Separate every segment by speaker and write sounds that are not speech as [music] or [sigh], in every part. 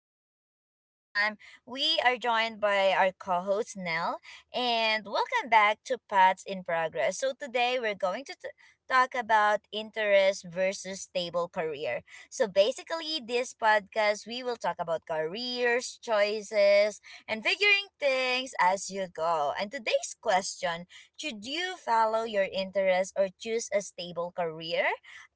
Speaker 1: podcast. And this time we are joined by our co-host Nell, and welcome back to Paths in Progress. So today we're going to talk about interest versus stable career. So basically this podcast we will talk about careers, choices, and figuring things as you go. And today's question, should you follow your interest or choose a stable career?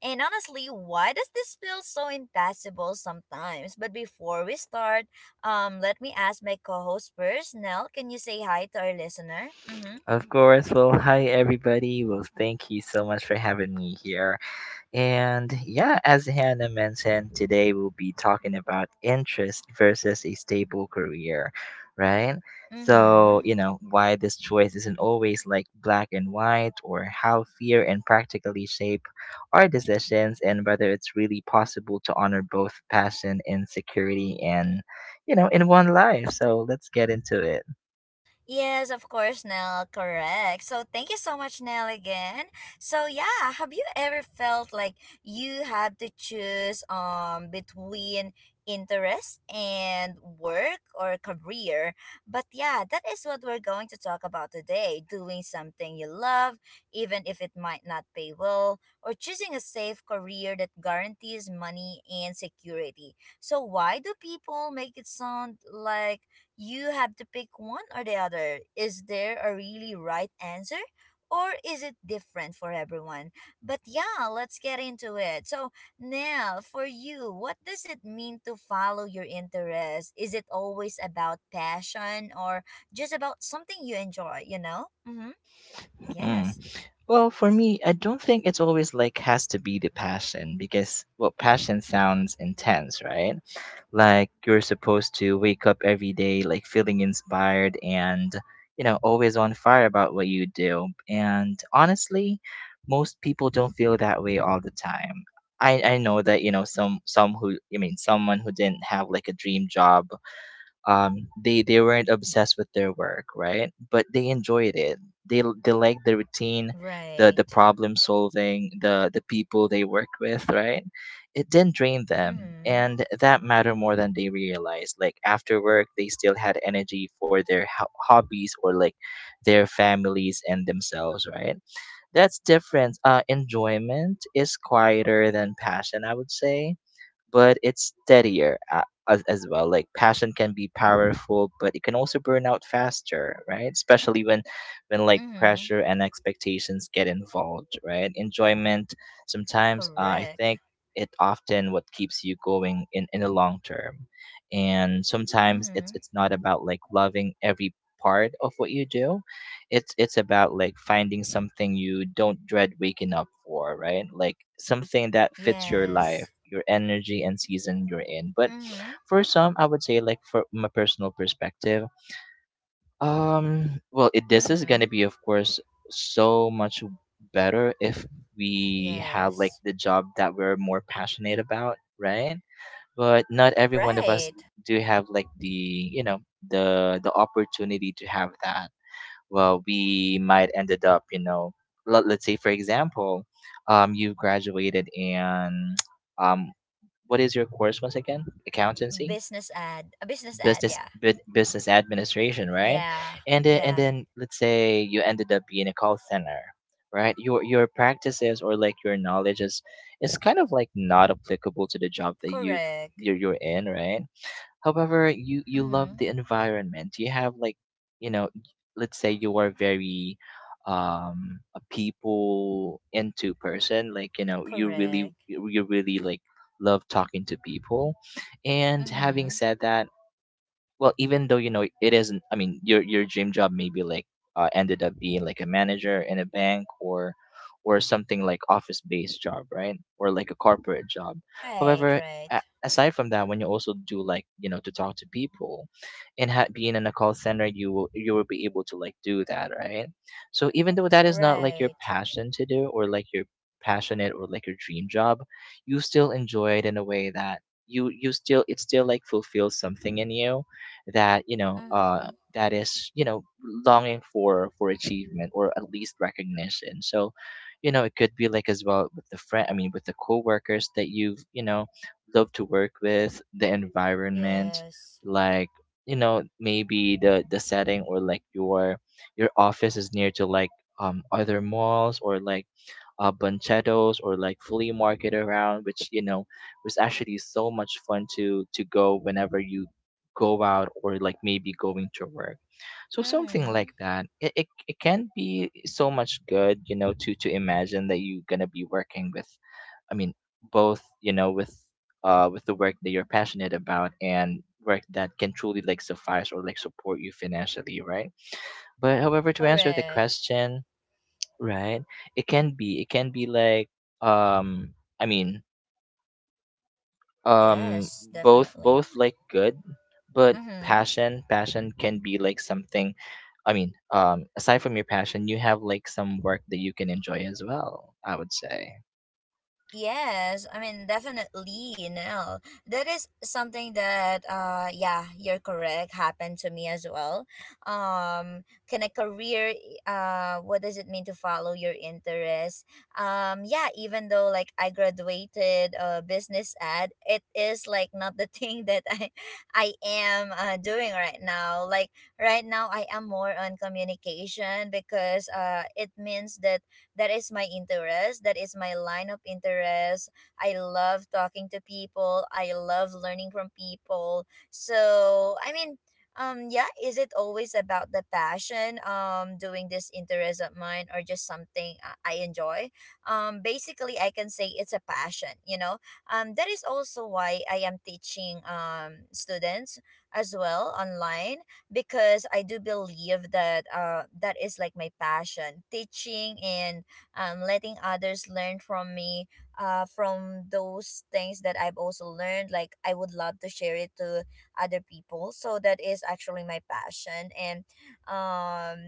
Speaker 1: And honestly, why does this feel so impossible sometimes? But before we start, let me ask my co-host first. Nell, can you say hi to our listener? Mm-hmm.
Speaker 2: Of course. Well, [laughs] hi everybody. Well, thank you so much for having me here. And yeah, as Hannah mentioned, today we'll be talking about interest versus a stable career, right? So,
Speaker 1: Mm-hmm.
Speaker 2: why this choice isn't always like black and white, or how fear and practically shape our decisions, and whether it's really possible to honor both passion and security and, in one life. So let's get into it.
Speaker 1: Yes, of course, Nell. Correct. So thank you so much, Nell, again. So yeah, have you ever felt like you had to choose between interest and work or career? But yeah, that is what we're going to talk about today. Doing something you love, even if it might not pay well, or choosing a safe career that guarantees money and security. So why do people make it sound like you have to pick one or the other? Is there a really right answer? Or is it different for everyone? But yeah, let's get into it. So, Nell, for you, what does it mean to follow your interest? Is it always about passion or just about something you enjoy, Mm-hmm.
Speaker 2: Hmm.
Speaker 1: Yes.
Speaker 2: Well, for me, I don't think it's always like has to be the passion because well, passion sounds intense, right? Like you're supposed to wake up every day like feeling inspired and always on fire about what you do. And honestly, most people don't feel that way all the time. I know that, some who someone who didn't have like a dream job they weren't obsessed with their work, right? But they enjoyed it. They liked the routine, the
Speaker 1: Right.
Speaker 2: problem solving, the people they work with, right? It didn't drain them,
Speaker 1: Mm-hmm.
Speaker 2: and that mattered more than they realized. Like after work they still had energy for their hobbies or like their families and themselves, right? That's different. Enjoyment is quieter than passion, I would say, but it's steadier as well. Like passion can be powerful, but it can also burn out faster, right? Especially when like
Speaker 1: Mm-hmm.
Speaker 2: pressure and expectations get involved, right? Enjoyment sometimes, I
Speaker 1: Correct.
Speaker 2: think, it often what keeps you going in the long term, and sometimes it's
Speaker 1: Mm-hmm.
Speaker 2: it's not about like loving every part of what you do. It's about like finding something you don't dread waking up for, right? Like something that fits your
Speaker 1: Yes.
Speaker 2: life, your energy, and season you're in. But
Speaker 1: Mm-hmm.
Speaker 2: for some, I would say, like for my personal perspective, well it, this is
Speaker 1: Mm-hmm.
Speaker 2: gonna be of course so much better if we had like
Speaker 1: Yes.
Speaker 2: the job that we're more passionate about, right? But not every one of us
Speaker 1: Right.
Speaker 2: do have like the, the opportunity to have that. Well, we might ended up, you know, let's say, for example, you graduated in, [tsk] um, what is your course once again? Accountancy,
Speaker 1: Business ad, a business ad,
Speaker 2: business,
Speaker 1: yeah.
Speaker 2: business administration, right?
Speaker 1: Yeah.
Speaker 2: And then, and
Speaker 1: Yeah.
Speaker 2: then let's say you ended up being a call center, right? Your practices or like your knowledge is kind of like not applicable to the job that
Speaker 1: Correct.
Speaker 2: you're in, right? However, you
Speaker 1: Mm-hmm.
Speaker 2: love the environment. You have like, you know, let's say you are very a people into person, like, you know,
Speaker 1: Correct.
Speaker 2: you really like love talking to people. And having
Speaker 1: Mm-hmm.
Speaker 2: said that, well even though you know it isn't, your dream job maybe like ended up being like a manager in a bank or something like office based job, right? Or like a corporate job.
Speaker 1: Right.
Speaker 2: However,
Speaker 1: Right.
Speaker 2: aside from that, when you also do like, you know, to talk to people and being in a call center, you will be able to like do that, right? So even though that is not like your
Speaker 1: Right.
Speaker 2: passion to do or like your passionate or like your dream job, you still enjoy it in a way that you still it still like fulfills something in you, that you know,
Speaker 1: Mm-hmm.
Speaker 2: that is, you know, longing for achievement or at least recognition. So, you know, it could be like as well with the friend. With the coworkers that you've you know love to work with, the environment,
Speaker 1: Yes.
Speaker 2: like you know, maybe the setting or like your office is near to like other malls or like banchetos or like flea market around, which you know was actually so much fun to go whenever you go out or like maybe going to work. So something like
Speaker 1: Mm-hmm.
Speaker 2: that, it can be so much good, you know, to imagine that you're gonna be working with, i mean both, you know, with the work that you're passionate about and work that can truly like suffice or like support you financially, right? But however, to answer the
Speaker 1: Correct.
Speaker 2: question, right, it can be, it can be like, um i mean um
Speaker 1: Yes,
Speaker 2: both,
Speaker 1: definitely.
Speaker 2: both like good. But
Speaker 1: Mm-hmm.
Speaker 2: passion can be like something, aside from your passion, you have like some work that you can enjoy as well, I would say.
Speaker 1: Yes, I mean definitely no. That is something that yeah, you're correct, happened to me as well. Um can a career what does it mean to follow your interest? Yeah, even though like I graduated business ad, it is like not the [laughs] thing that I am doing right now. Like right now I am more on communication, because it means that that is my interest, that is my line of interest. I love talking to people, I love learning from people. So I mean, yeah, is it always about the passion, doing this interest of mine, or just something I enjoy? Basically, I can say it's a passion, you know? That is also why I am teaching students as well online, because I do believe that that is like my passion, teaching and letting others learn from me, from those things that I've also learned. Like I would love to share it to other people. So that is actually my passion. And um,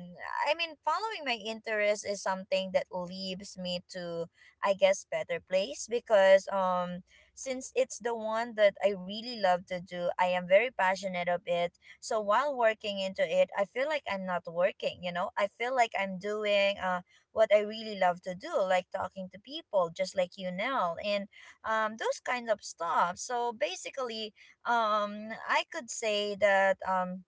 Speaker 1: I mean, following my interest is something that leads me to, I guess, better place, because since it's the one that I really love to do, I am very passionate of it. So while working into it, I feel like I'm not working. You know, I feel like I'm doing what I really love to do, like talking to people, just like you now, and those kind of stuff. So basically, I could say that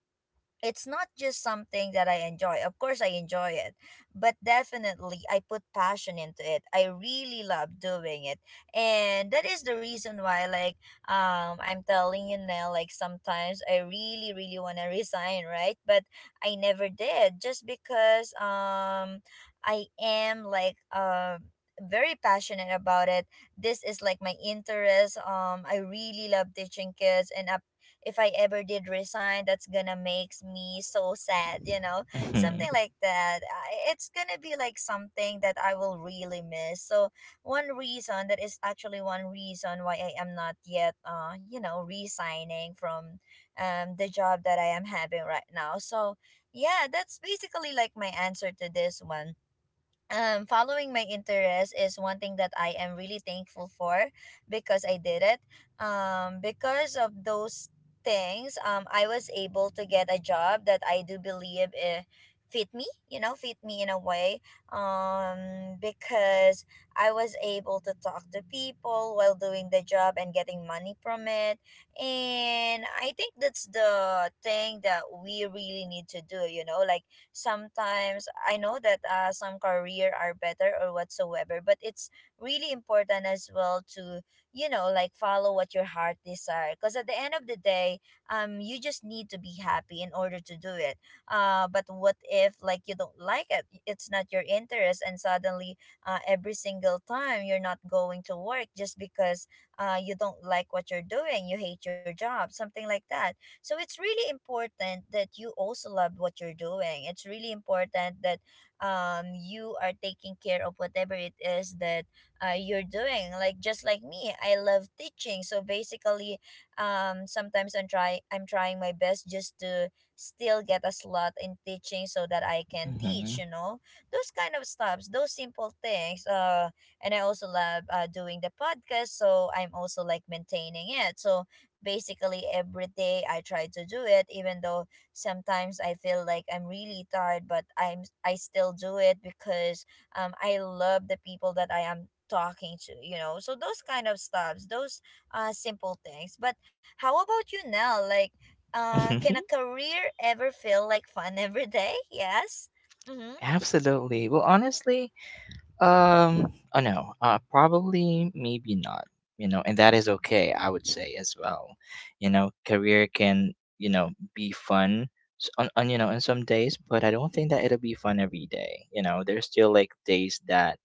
Speaker 1: it's not just something that I enjoy. Of course, I enjoy it, but definitely I put passion into it. I really love doing it, and that is the reason why, like, I'm telling you now, like sometimes I really, really want to [laughs] resign, right? But I never did, just because I am like very passionate about it. This is like my interest. I really love teaching kids, and up if I ever did resign, that's gonna make me so sad, you know,
Speaker 2: Mhm,
Speaker 1: something like that. It's gonna be like something that I will really miss. So one reason, that is actually one reason why I am not yet, you know, resigning from the job that I am having right now. So yeah, that's basically like my answer to this one. Following my interest is one thing that I am really thankful for, because I did it. Because of those things, I was able to get a job that I do believe fit me, you know, fit me in a way. Because I was able to talk to people while doing the job and getting money from it. And I think that's the thing that we really need to do, you know? Like sometimes I know that some career are better or whatsoever, but it's really important as well to, you know, like follow what your heart desire, because at the end of the day, you just need to be happy in order to do it. But what if like you don't like it, it's not your interest, and suddenly every single time you're not going to work just because you don't like what you're doing, you hate your job, something like that. So it's really important that you also love what you're doing. It's really important that you are taking care of whatever it is that you're doing. Like just like me, I love teaching. So basically, sometimes I'm trying my best just to still get a slot in teaching so that I can teach,
Speaker 2: mhm.
Speaker 1: you know. Those kind of stuffs, those simple things. And I also love doing the podcast, so I'm also like maintaining it. So basically every day I try to do it, even though sometimes I feel like I'm really tired, but I still do it because I love the people that I am talking to, you know? So those kind of stuffs, those simple things. But how about you now? Like can
Speaker 2: [laughs]
Speaker 1: a career ever feel like fun [laughs] every day? Yes. Mm-hmm.
Speaker 2: Absolutely. Well, honestly, oh no, probably, maybe not, you know, and that is okay, I would say as well. You know, career can, you know, be fun on, you know, on some days, but I don't think that it'll be fun every day. You know, there's still like days that,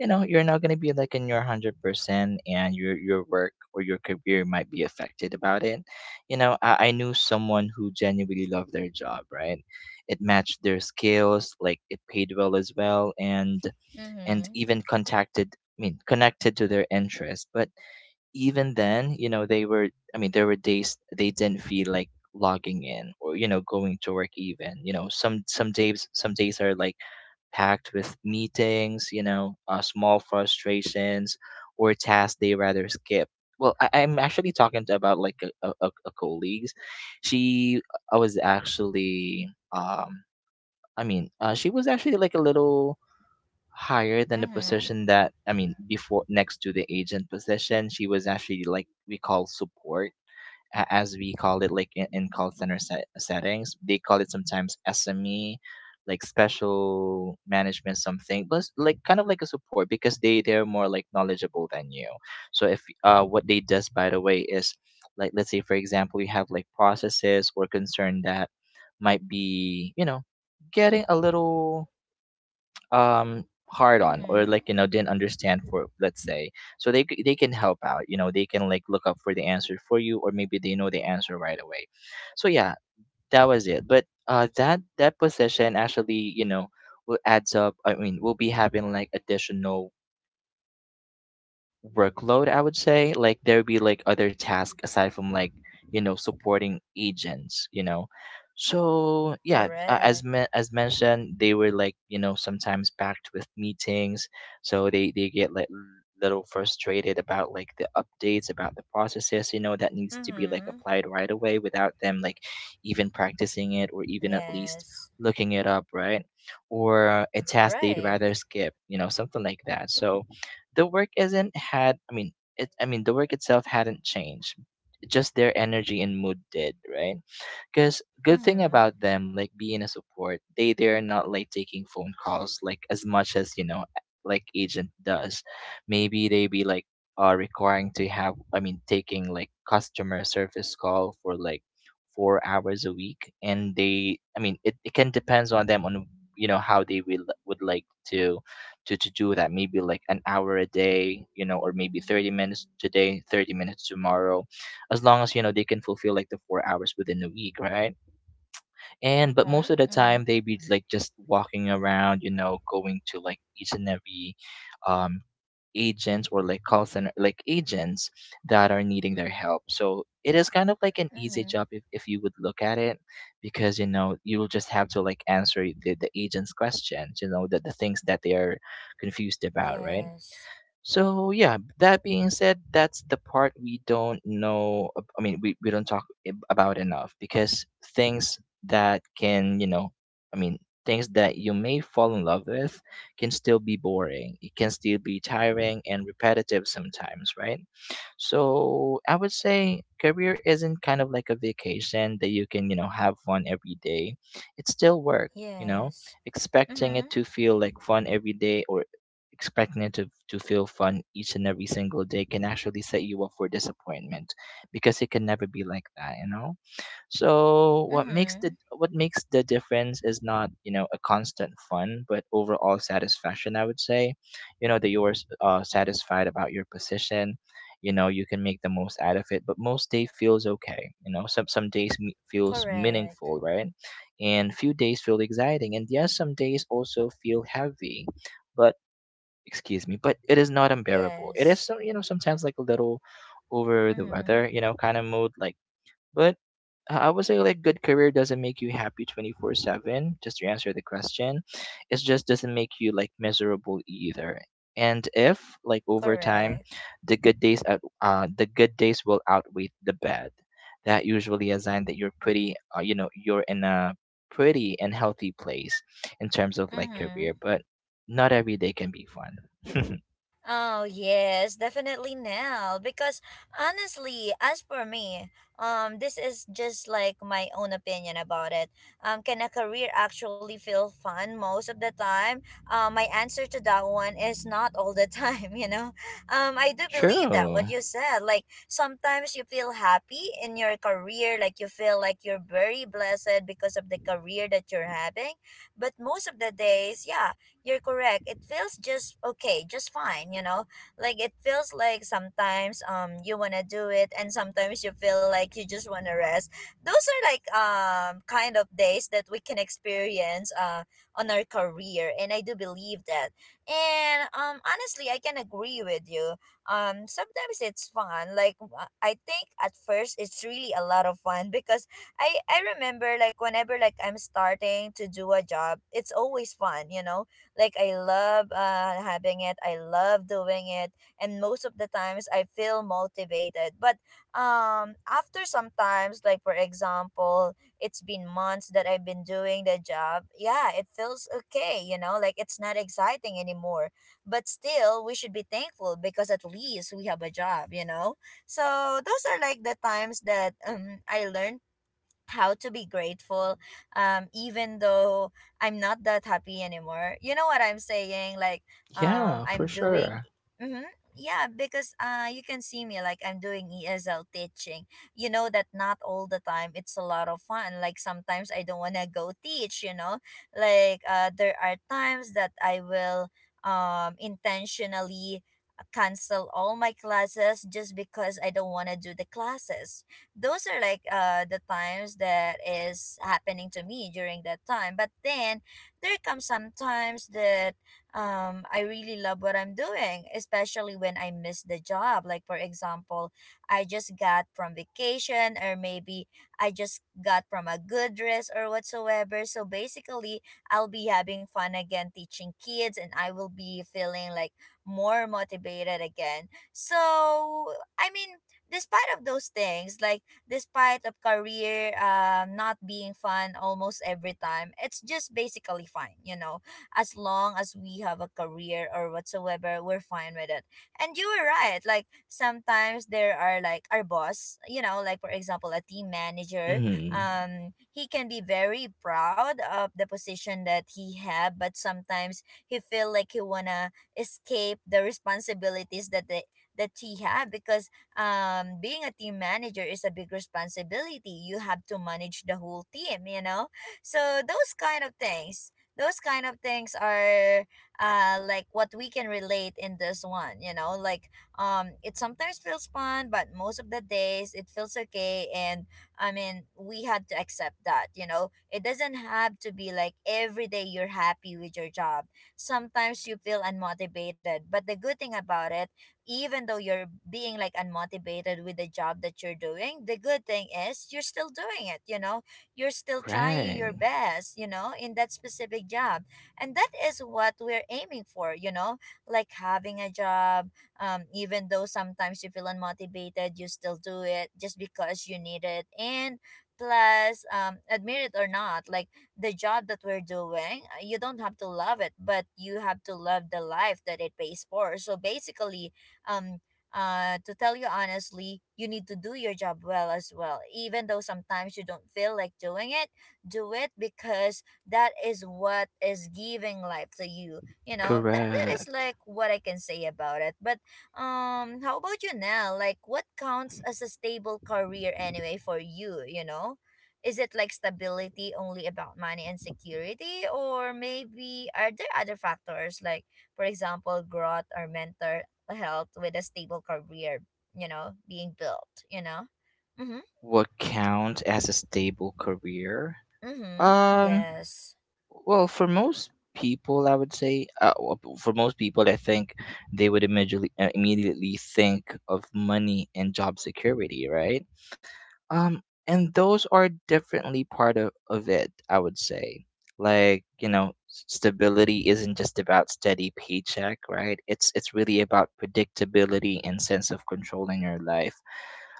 Speaker 2: you know, you're not gonna be like in your 100%, and your work or your career might be affected about it. You know, I knew someone who genuinely loved their job, right? It matched their skills, like it paid well as well, and
Speaker 1: Mm-hmm.
Speaker 2: even contacted connected to their interests. But even then, you know, they were, there were days they didn't feel like logging in or you know going to work even, you know. Some days, some days are like packed with meetings, you know, small frustrations or tasks they rather skip. Well, I'm actually talking
Speaker 1: Yes.
Speaker 2: to
Speaker 1: Mm-hmm.
Speaker 2: about like a colleagues.
Speaker 1: Yes, that is actually
Speaker 2: she
Speaker 1: correct
Speaker 2: i was
Speaker 1: now.
Speaker 2: actually
Speaker 1: Um.
Speaker 2: um she
Speaker 1: Mm-hmm.
Speaker 2: was actually like a little higher than the
Speaker 1: Mm-hmm.
Speaker 2: position that, before next to the agent position. She was actually like we call support as we call it like in call center settings. They call it sometimes SME like special management something, but it's like kind of like a support, because they they're more like knowledgeable than you. So if what they does, by the way, is like let's say for example you have like processes or concern that might be, you know, getting a little um hard on or
Speaker 1: Mm-hmm.
Speaker 2: like you know didn't understand, for let's say. So they can help out, you know, they can like look up for the answer for you, or maybe they know the answer right away. So yeah, that was it. But that that position actually, you know, will adds up, will be having like additional workload, I would say. Like there would be like other tasks aside from like, you know, supporting agents, you know. So yeah,
Speaker 1: Correct.
Speaker 2: as mentioned, they were like, you know, sometimes packed with meetings. So they get like little frustrated about like the updates about the processes, you know, that needs to be like
Speaker 1: Mm-hmm.
Speaker 2: applied right away without them like even practicing it or even at least
Speaker 1: Yes.
Speaker 2: looking it up, right? Or a task they'd
Speaker 1: Right.
Speaker 2: rather skip, you know, something like that. So the work isn't had it, the work itself hadn't changed. Just their energy and mood did, right? Because good thing
Speaker 1: Mm-hmm.
Speaker 2: about them, like being a support, they they're not like taking phone calls like as much as you know, like agent does. Maybe they be like requiring to have, taking like customer service call for like 4 hours a week, and they, it, it can depends on them on, you know, how they will would like to do that. Maybe like an hour a day, you know, or maybe 30 minutes today, 30 minutes tomorrow, as long as you know they can fulfill like the 4 hours within a week, right? And but
Speaker 1: Uh-huh.
Speaker 2: most of the
Speaker 1: Mm-hmm.
Speaker 2: time they be like just walking around, you know, going to like each and every um agents or like call center like agents that are needing their help. So it is kind of like an easy
Speaker 1: Mm-hmm.
Speaker 2: job, if you would look at it, because you know you'll just have to like answer the agent's questions, you know, the things that they are confused about, right?
Speaker 1: Yes.
Speaker 2: So yeah, that being said, that's the part we don't know. We don't talk about enough. Because things that can, you know, I mean, things that you may fall in love with can still be boring. It can still be tiring and repetitive sometimes, right? So I would say career isn't kind of like a vacation that you can, you know, have fun every day. It's still work, you know.
Speaker 1: Yes.
Speaker 2: Expecting
Speaker 1: Mm-hmm.
Speaker 2: it to feel like fun every day or expecting it to feel fun each and every single day can actually set you up for disappointment, because it can never be like that, you know? So
Speaker 1: Mm-hmm.
Speaker 2: what makes the difference is not a constant fun, but overall satisfaction. I would say, you know that you're satisfied about your position. You know you can make the most out of it, but most day feels okay. You know some days feels
Speaker 1: Correct.
Speaker 2: meaningful, right? And few days feel exciting, and yes, some days also feel heavy, but excuse me, but it is not unbearable. It is
Speaker 1: Yes.
Speaker 2: sometimes like a little over the
Speaker 1: Mm-hmm.
Speaker 2: weather, you know, kind of mood like, but I would say like good career doesn't make you happy 24/7 just to answer the question. It just doesn't make you like miserable either. And if like over time
Speaker 1: Correct.
Speaker 2: the good days will outweigh the bad, that usually a sign that you're pretty, you're in a pretty and healthy place in terms of like
Speaker 1: Mm-hmm.
Speaker 2: career, but not every day can be fun. [laughs]
Speaker 1: Oh yes, definitely now. Because honestly, as for me, this is just like my own opinion about it. Can a career actually feel fun most of the time? My answer to that one is not all the time. [laughs] You know, I do believe that
Speaker 2: True.
Speaker 1: what you said. Like sometimes you feel happy in your career, like you feel like you're very blessed because of the career that you're having. But most of the days, yeah, you're correct. It feels just okay, just fine, you know? Like it feels like sometimes you want to do it and sometimes you feel like you just want to rest. Those are like kind of days that we can experience on our career, and I do believe that. And honestly, I can agree with you. Um, sometimes it's fun. Like I think at first it's really a lot of fun, because I remember like whenever like I'm starting to do a job, it's always fun, you know, like I love having it. I love doing it, and most of the times I feel motivated. But after sometimes, like for example, it's been months that I've been doing the job. Yeah, it feels okay. You know, like it's not exciting anymore. But still, we should be thankful because at least we have a job. You know, so those are like the times that I learned how to be grateful, even though I'm not that happy anymore, you know what I'm saying? Like
Speaker 2: Yeah, for
Speaker 1: I'm doing,
Speaker 2: sure.
Speaker 1: mm-hmm, yeah, because you can see me, like I'm doing ESL teaching. You know that not all the time it's a lot of fun. Like sometimes I don't want to go teach, you know, like there are times that I will intentionally cancel all my classes just because I don't want to do the classes. Those are like the times that is happening to me during that time. But then there comes some times that I really love what I'm doing, especially when I miss the job. Like for example, I just got from vacation, or maybe I just got from a good dress or whatsoever. So basically, I'll be having fun again teaching kids, and I will be feeling like more motivated again. So I mean, despite of those things, like despite of career not being fun almost every time, it's just basically fine, you know? As long as we have a career or whatsoever, we're fine with it. And you were right, like sometimes there are like our boss, you know, like for example a team manager,
Speaker 2: Mm.
Speaker 1: he can be very proud of the position that he had, but sometimes he feel like he wanna escape the responsibilities that they that he had because being a team manager is a big responsibility. You have to manage the whole team, you know? So those kind of things, those kind of things are like what we can relate in this one, you know? It sometimes feels fun, but most of the days it feels okay. And I mean, we had to accept that, you know? It doesn't have to be like every day you're happy with your job. Sometimes you feel unmotivated, but the good thing about it, even though you're being like unmotivated with the job that you're doing, the good thing is you're still doing it, you know, you're still trying your
Speaker 2: Right.
Speaker 1: best, you know, in that specific job. And that is what we're aiming for, you know, like having a job. Even though sometimes you feel unmotivated, you still do it just because you need it. And plus, admit it or not, like the job that we're doing, you don't have to love it, but you have to love the life that it pays for. So basically, um to tell you honestly, you need to do your job well as well, even though sometimes you don't feel like doing it. Do it, because that is what is giving life to you, you know. That is
Speaker 2: Correct.
Speaker 1: like what I can say about it. But how about you now, like what counts as a stable career anyway for you, you know? Is it like stability only about money and security, or maybe are there other factors like, for example, growth or mentor health with a stable career, you know, being built, you know? Mm-hmm.
Speaker 2: What counts as a stable career?
Speaker 1: Mm-hmm.
Speaker 2: Um,
Speaker 1: Yes.
Speaker 2: well, for most people, I would say, for most people, I think they would immediately think of money and job security, right? Um, and those are definitely part of it, I would say. Like, you know, stability isn't just about steady paycheck, right? It's really about predictability and sense of control in your life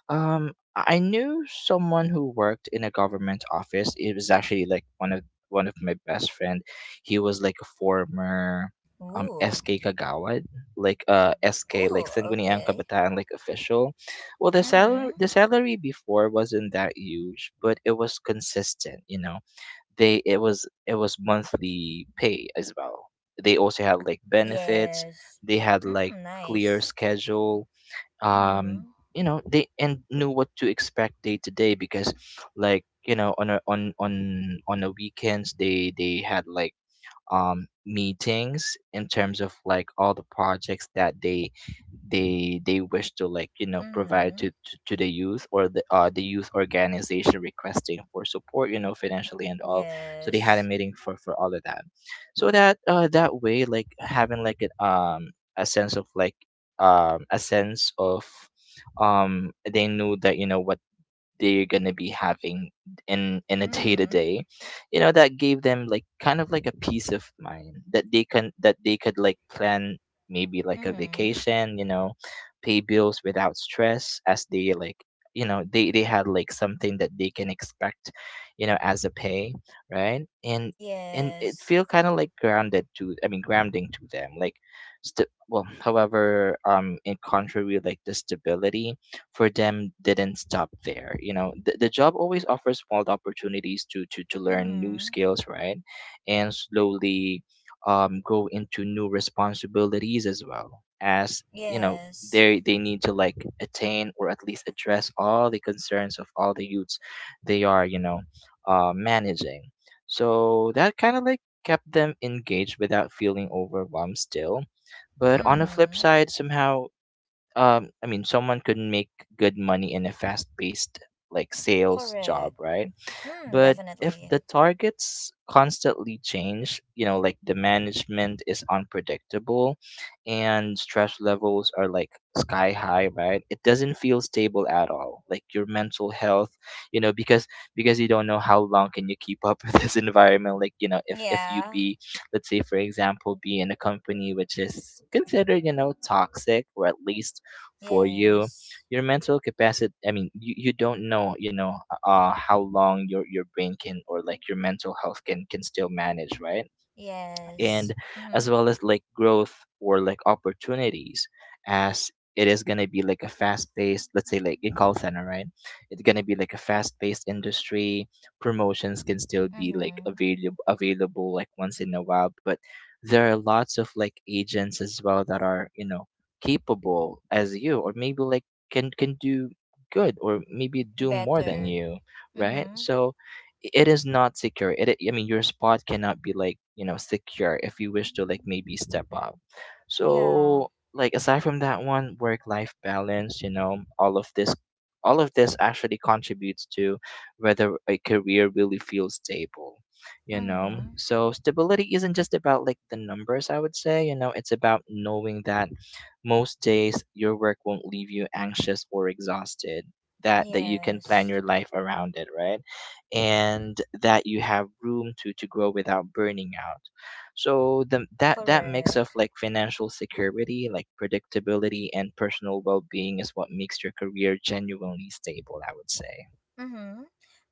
Speaker 2: um, I knew someone who worked in a government office. It was actually like one of my best friend. He was like a former
Speaker 1: Ooh.
Speaker 2: SK Kagawad, like SK like
Speaker 1: Ooh,
Speaker 2: Sangguniang
Speaker 1: okay.
Speaker 2: Kabataan like official. Well,
Speaker 1: Mm-hmm.
Speaker 2: the salary before wasn't that huge, but it was consistent. You know, they it was monthly pay as well. They also had like benefits.
Speaker 1: Yes.
Speaker 2: They had
Speaker 1: Mm,
Speaker 2: like clear
Speaker 1: nice.
Speaker 2: schedule um
Speaker 1: Mm-hmm.
Speaker 2: you know they and knew what to expect day to day because like you know on the weekends they had like meetings in terms of like all the projects that they wish to like you know provide to
Speaker 1: Mm-hmm.
Speaker 2: to, to the youth or the youth organization requesting for support you know financially and all so they had a
Speaker 1: Yes.
Speaker 2: meeting for all of that so that that way like having like an a sense of like a sense of they knew that you know what they're gonna be having in a day to
Speaker 1: Mm-hmm.
Speaker 2: day you know that gave them like kind of like a peace of mind that they can that they could like plan maybe like a
Speaker 1: Mm-hmm.
Speaker 2: vacation, you know, pay bills without stress as they like you know they had like something that they can expect you know as a pay, right. And it
Speaker 1: Yes.
Speaker 2: feel kind of like grounded to I mean grounding to them like well, however, in contrary like the stability for them didn't stop there. You know, the job always offers small opportunities to learn new
Speaker 1: Mm-hmm.
Speaker 2: skills, right? And slowly go into new responsibilities as well as you know
Speaker 1: Yes.
Speaker 2: they need to like attain or at least address all the concerns of all the youths they are you know managing, so that kind of like kept them engaged without feeling overwhelmed still. But on the flip
Speaker 1: Mm-hmm.
Speaker 2: side somehow someone could make good money in a fast paced like sales job,
Speaker 1: Correct.
Speaker 2: right?
Speaker 1: Mm,
Speaker 2: But if the
Speaker 1: definitely.
Speaker 2: targets constantly change, you know, like the management is unpredictable and stress levels are like sky high, right? It doesn't feel stable at all. Like your mental health, you know, because you don't know how long can you keep up [laughs] with this environment. Like, you know, if you
Speaker 1: Yeah.
Speaker 2: be, let's say for example, be in a company which is considered, you know, toxic or at least for you,
Speaker 1: Yes.
Speaker 2: your mental capacity, I mean, you don't know, you know, how long your brain can or like your mental health can still manage, right? And
Speaker 1: Yes.
Speaker 2: as
Speaker 1: Mm-hmm.
Speaker 2: well as like growth or like opportunities as it is going to be like a fast paced, let's say like in call center, right? It's going to be like a fast paced industry. Promotions can still be like
Speaker 1: Mm-hmm.
Speaker 2: available like once in a while, but there are lots of like agents as well that are you know capable as you or maybe like can do good or maybe do more than
Speaker 1: Better.
Speaker 2: you, right?
Speaker 1: Mhm.
Speaker 2: So it is not secure. I mean, your spot cannot be like you know secure if you wish to like maybe step up.
Speaker 1: Yeah.
Speaker 2: So like aside from that one, work life balance. You know, all of this, actually contributes to whether a career really feels stable. You know,
Speaker 1: Mhm.
Speaker 2: so stability isn't just about like the numbers. I would say you know it's about knowing that most days your work won't leave you anxious or exhausted. That you can plan
Speaker 1: Yes.
Speaker 2: your life around it, right? And that you have room to grow without burning out. So the that mix of
Speaker 1: Correct.
Speaker 2: like financial security, like predictability and personal well-being is what makes your career genuinely stable, I would say.
Speaker 1: Mm-hmm.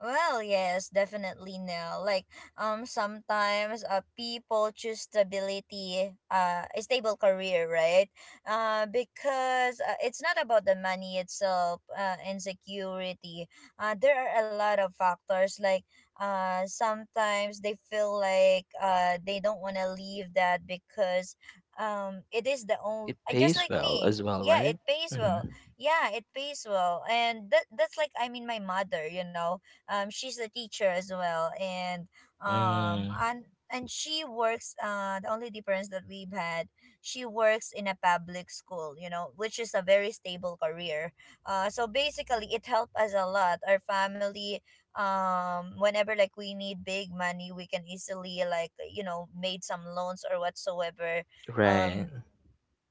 Speaker 1: Well, yes, definitely no. Sometimes people choose stability, a stable career, right? Because it's not about the money itself, insecurity. There are a lot of factors, like sometimes they feel like they don't want to leave that because it is the only
Speaker 2: It
Speaker 1: just
Speaker 2: pays
Speaker 1: like
Speaker 2: well
Speaker 1: me.
Speaker 2: as well,
Speaker 1: Yeah, it
Speaker 2: right?
Speaker 1: pays well.
Speaker 2: Mm-hmm.
Speaker 1: Yeah, it pays well. And that's like, I mean, my mother, you know, she's a teacher as well. and um
Speaker 2: Mm,
Speaker 1: and and she works, the only difference that we've had, she works in a public school, you know, which is a very stable career. So basically it helped us a lot, our family. Whenever like we need big money, we can easily, like, you know, made some loans or whatsoever.
Speaker 2: right.
Speaker 1: um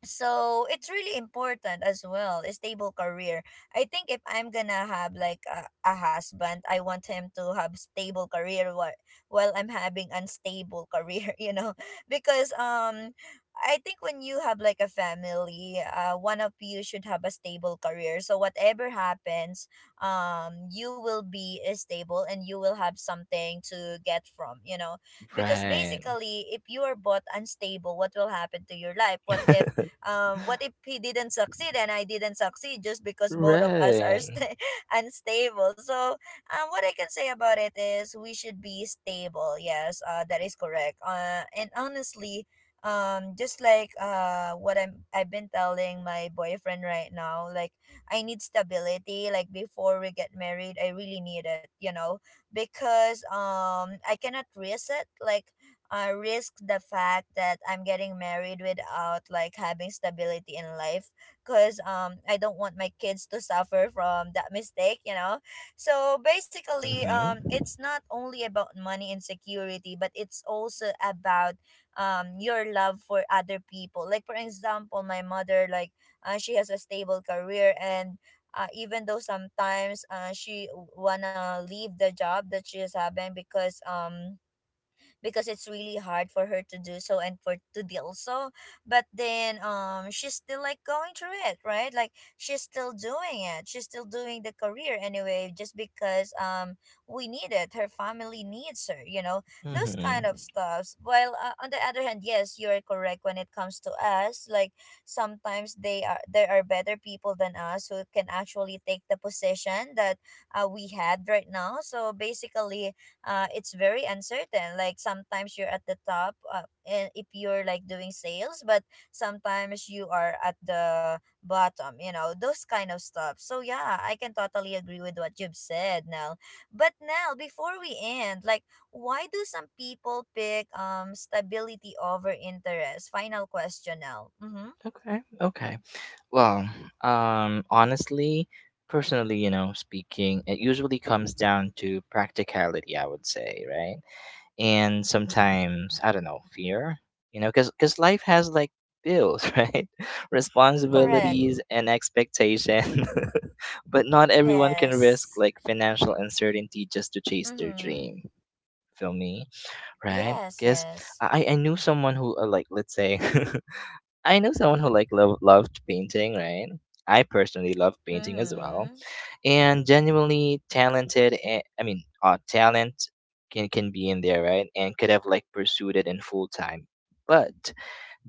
Speaker 1: so it's really important as well, a stable career. I think if I'm gonna have like a husband, I want him to have stable career while I'm having unstable career [laughs] you know. Because I think when you have like a family, one of you should have a stable career, so whatever happens, you will be stable and you will have something to get from, you know. Because
Speaker 2: Right.
Speaker 1: basically if you are both unstable, what will happen to your life? What if he didn't succeed and I didn't succeed just
Speaker 2: [laughs]
Speaker 1: because both of us are
Speaker 2: Right.
Speaker 1: sta [laughs] unstable? So what I can say about it is we should be stable. Yes, that is correct. And honestly, just like what I've been telling my boyfriend right now, like I need stability. Like before we get married, I really need it. You know, because I cannot risk it. Like risk the fact that I'm getting married without like having stability in life, because I don't want my kids to suffer from that mistake, you know. So basically
Speaker 2: Mm-hmm.
Speaker 1: it's not only about money and security, but it's also about your love for other people, like for example my mother. Like she has a stable career. And even though sometimes she wanna leave the job that she is having, because it's really hard for her to do so and for to deal so. But then she's still like going through it, right? Like she's still doing it, she's still doing the career anyway, just because we need it, her family needs her, you know. Those
Speaker 2: Mm-hmm.
Speaker 1: kind of stuffs. While on the other hand, yes, you're correct when it comes to us. Like sometimes they are there are better people than us who can actually take the position that we had right now. So basically it's very uncertain. Like sometimes you're at the top, and if you're like doing sales, but sometimes you are at the bottom. You know those kind of stuff. So yeah, I can totally agree with what you've said, Nell. But Nell, before we end, like why do some people pick stability over interest? Final question, Nell. Mm-hmm.
Speaker 2: Okay. Okay. Well, honestly, personally, you know, speaking, it usually comes down to practicality, I would say, right? And sometimes, I don't know, fear, you know, because life has like bills, [laughs] right?
Speaker 1: Correct.
Speaker 2: Responsibilities and expectation. [laughs] But not everyone can risk
Speaker 1: Yes.
Speaker 2: like financial uncertainty just to chase their
Speaker 1: Mm-hmm.
Speaker 2: dream. Feel me, right?
Speaker 1: Yes.
Speaker 2: Because
Speaker 1: Yes.
Speaker 2: I knew someone who like let's say [laughs] I know someone who like loved painting, right? I personally love painting as well,
Speaker 1: Mm-hmm.
Speaker 2: and genuinely talented. Talent can be in there, right? And could have like pursued it in full time, but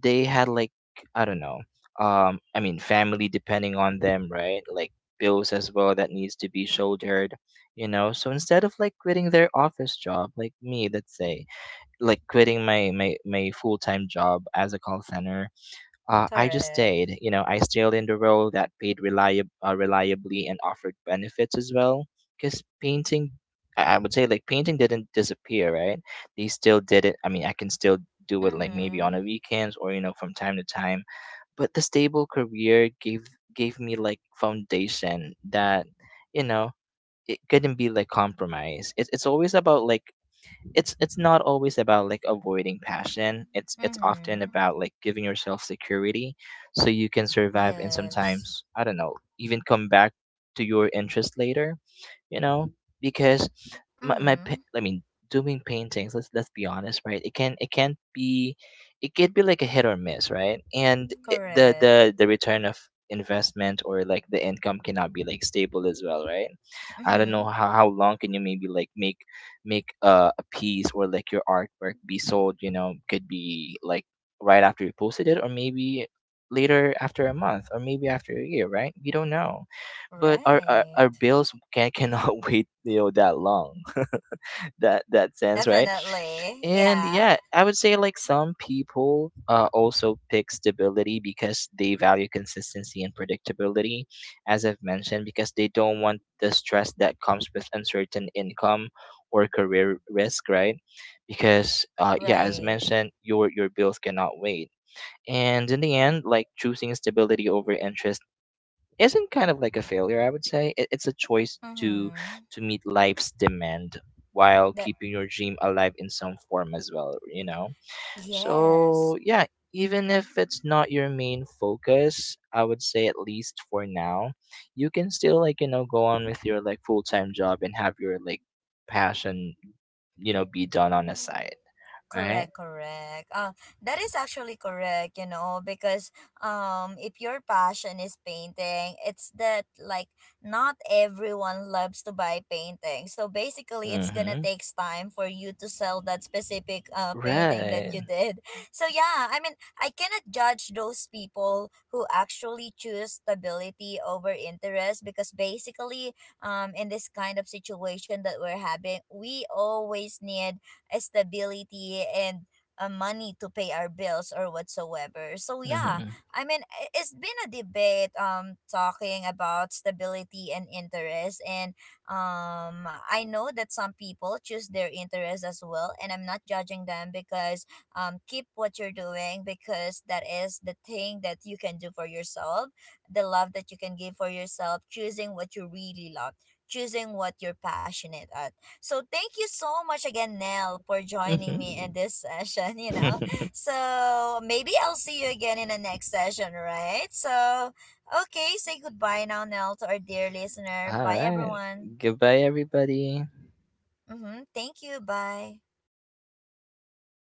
Speaker 2: they had like, I don't know. I mean, family depending on them, right? Like bills as well that needs to be shouldered, you know. So instead of like quitting their office job, like me, let's say, like quitting my full time job as a call center, I just
Speaker 1: Correct.
Speaker 2: stayed. You know, I stayed in the role that paid reliably and offered benefits as well. Because painting, I would say, like, painting didn't disappear, right? They still did it. I mean, I can still do it, like, maybe on
Speaker 1: Mm-hmm.
Speaker 2: the weekends or, you know, from time to time. But the stable career gave me, like, foundation that, you know, it couldn't be, like, compromised. It's always about, like, it's not always about like avoiding passion. It's often
Speaker 1: Mm-hmm.
Speaker 2: about like giving yourself security so you can survive, and
Speaker 1: Yes.
Speaker 2: sometimes, I don't know, even come back to your interest later, you know, because my
Speaker 1: Mm-hmm.
Speaker 2: pa- I mean doing paintings, let's be honest, right? It can't be, it could be like a hit or miss, right? And the
Speaker 1: Correct.
Speaker 2: the the return of investment or like the income cannot be like stable as well, right? I don't
Speaker 1: Mm-hmm.
Speaker 2: know how long can you maybe like make make a piece or like your artwork be sold, you know. Could be like right after you posted it or maybe later after a month or maybe after a year, right? We don't know, but our
Speaker 1: Right.
Speaker 2: bills cannot [laughs] wait you know that long. [laughs] That that sense, right?
Speaker 1: Definitely.
Speaker 2: And
Speaker 1: Yeah.
Speaker 2: yeah, I would say like some people also pick stability because they value consistency and predictability, as I've mentioned, because they don't want the stress that comes with uncertain income or career risk, right? Because yeah, as
Speaker 1: Right.
Speaker 2: mentioned, your bills cannot wait. And in the end, like choosing stability over interest isn't kind of like a failure, I would say. It's a choice
Speaker 1: Mm-hmm.
Speaker 2: to meet life's demand while
Speaker 1: That
Speaker 2: keeping your dream alive in some form as well, you know.
Speaker 1: yes.
Speaker 2: So yeah, even if it's not your main focus, I would say, at least for now, you can still like you know go on with your like full-time job and have your like passion, you know, be done on the side, right?
Speaker 1: Correct, correct. That is actually correct, you know, because if your passion is painting, it's that like not everyone loves to buy painting. So basically, it's gonna
Speaker 2: Mm-hmm.
Speaker 1: takes time for you to sell that specific painting that
Speaker 2: Right.
Speaker 1: you did. [laughs] So yeah, I mean, I cannot judge those people who actually choose stability over interest, because basically, in this kind of situation that we're having, we always need stability and money to pay our bills or whatsoever. So yeah,
Speaker 2: Mm-hmm.
Speaker 1: I mean it's been a debate talking about stability and interest. And I know that some people choose their interest as well, and I'm not judging them, because keep what you're doing, because that is the thing that you can do for yourself, the love that you can give for yourself, choosing what you really love, choosing what you're passionate at. So thank you so much again, Nell, for joining me
Speaker 2: Mm-hmm.
Speaker 1: in this session, [laughs] you know.
Speaker 2: [laughs]
Speaker 1: So maybe I'll see you again in the next session, right? So okay, say goodbye now, Nell, to our dear listener.
Speaker 2: All
Speaker 1: Bye
Speaker 2: right.
Speaker 1: everyone.
Speaker 2: Goodbye, everybody.
Speaker 1: Mm-hmm. Thank you. Bye.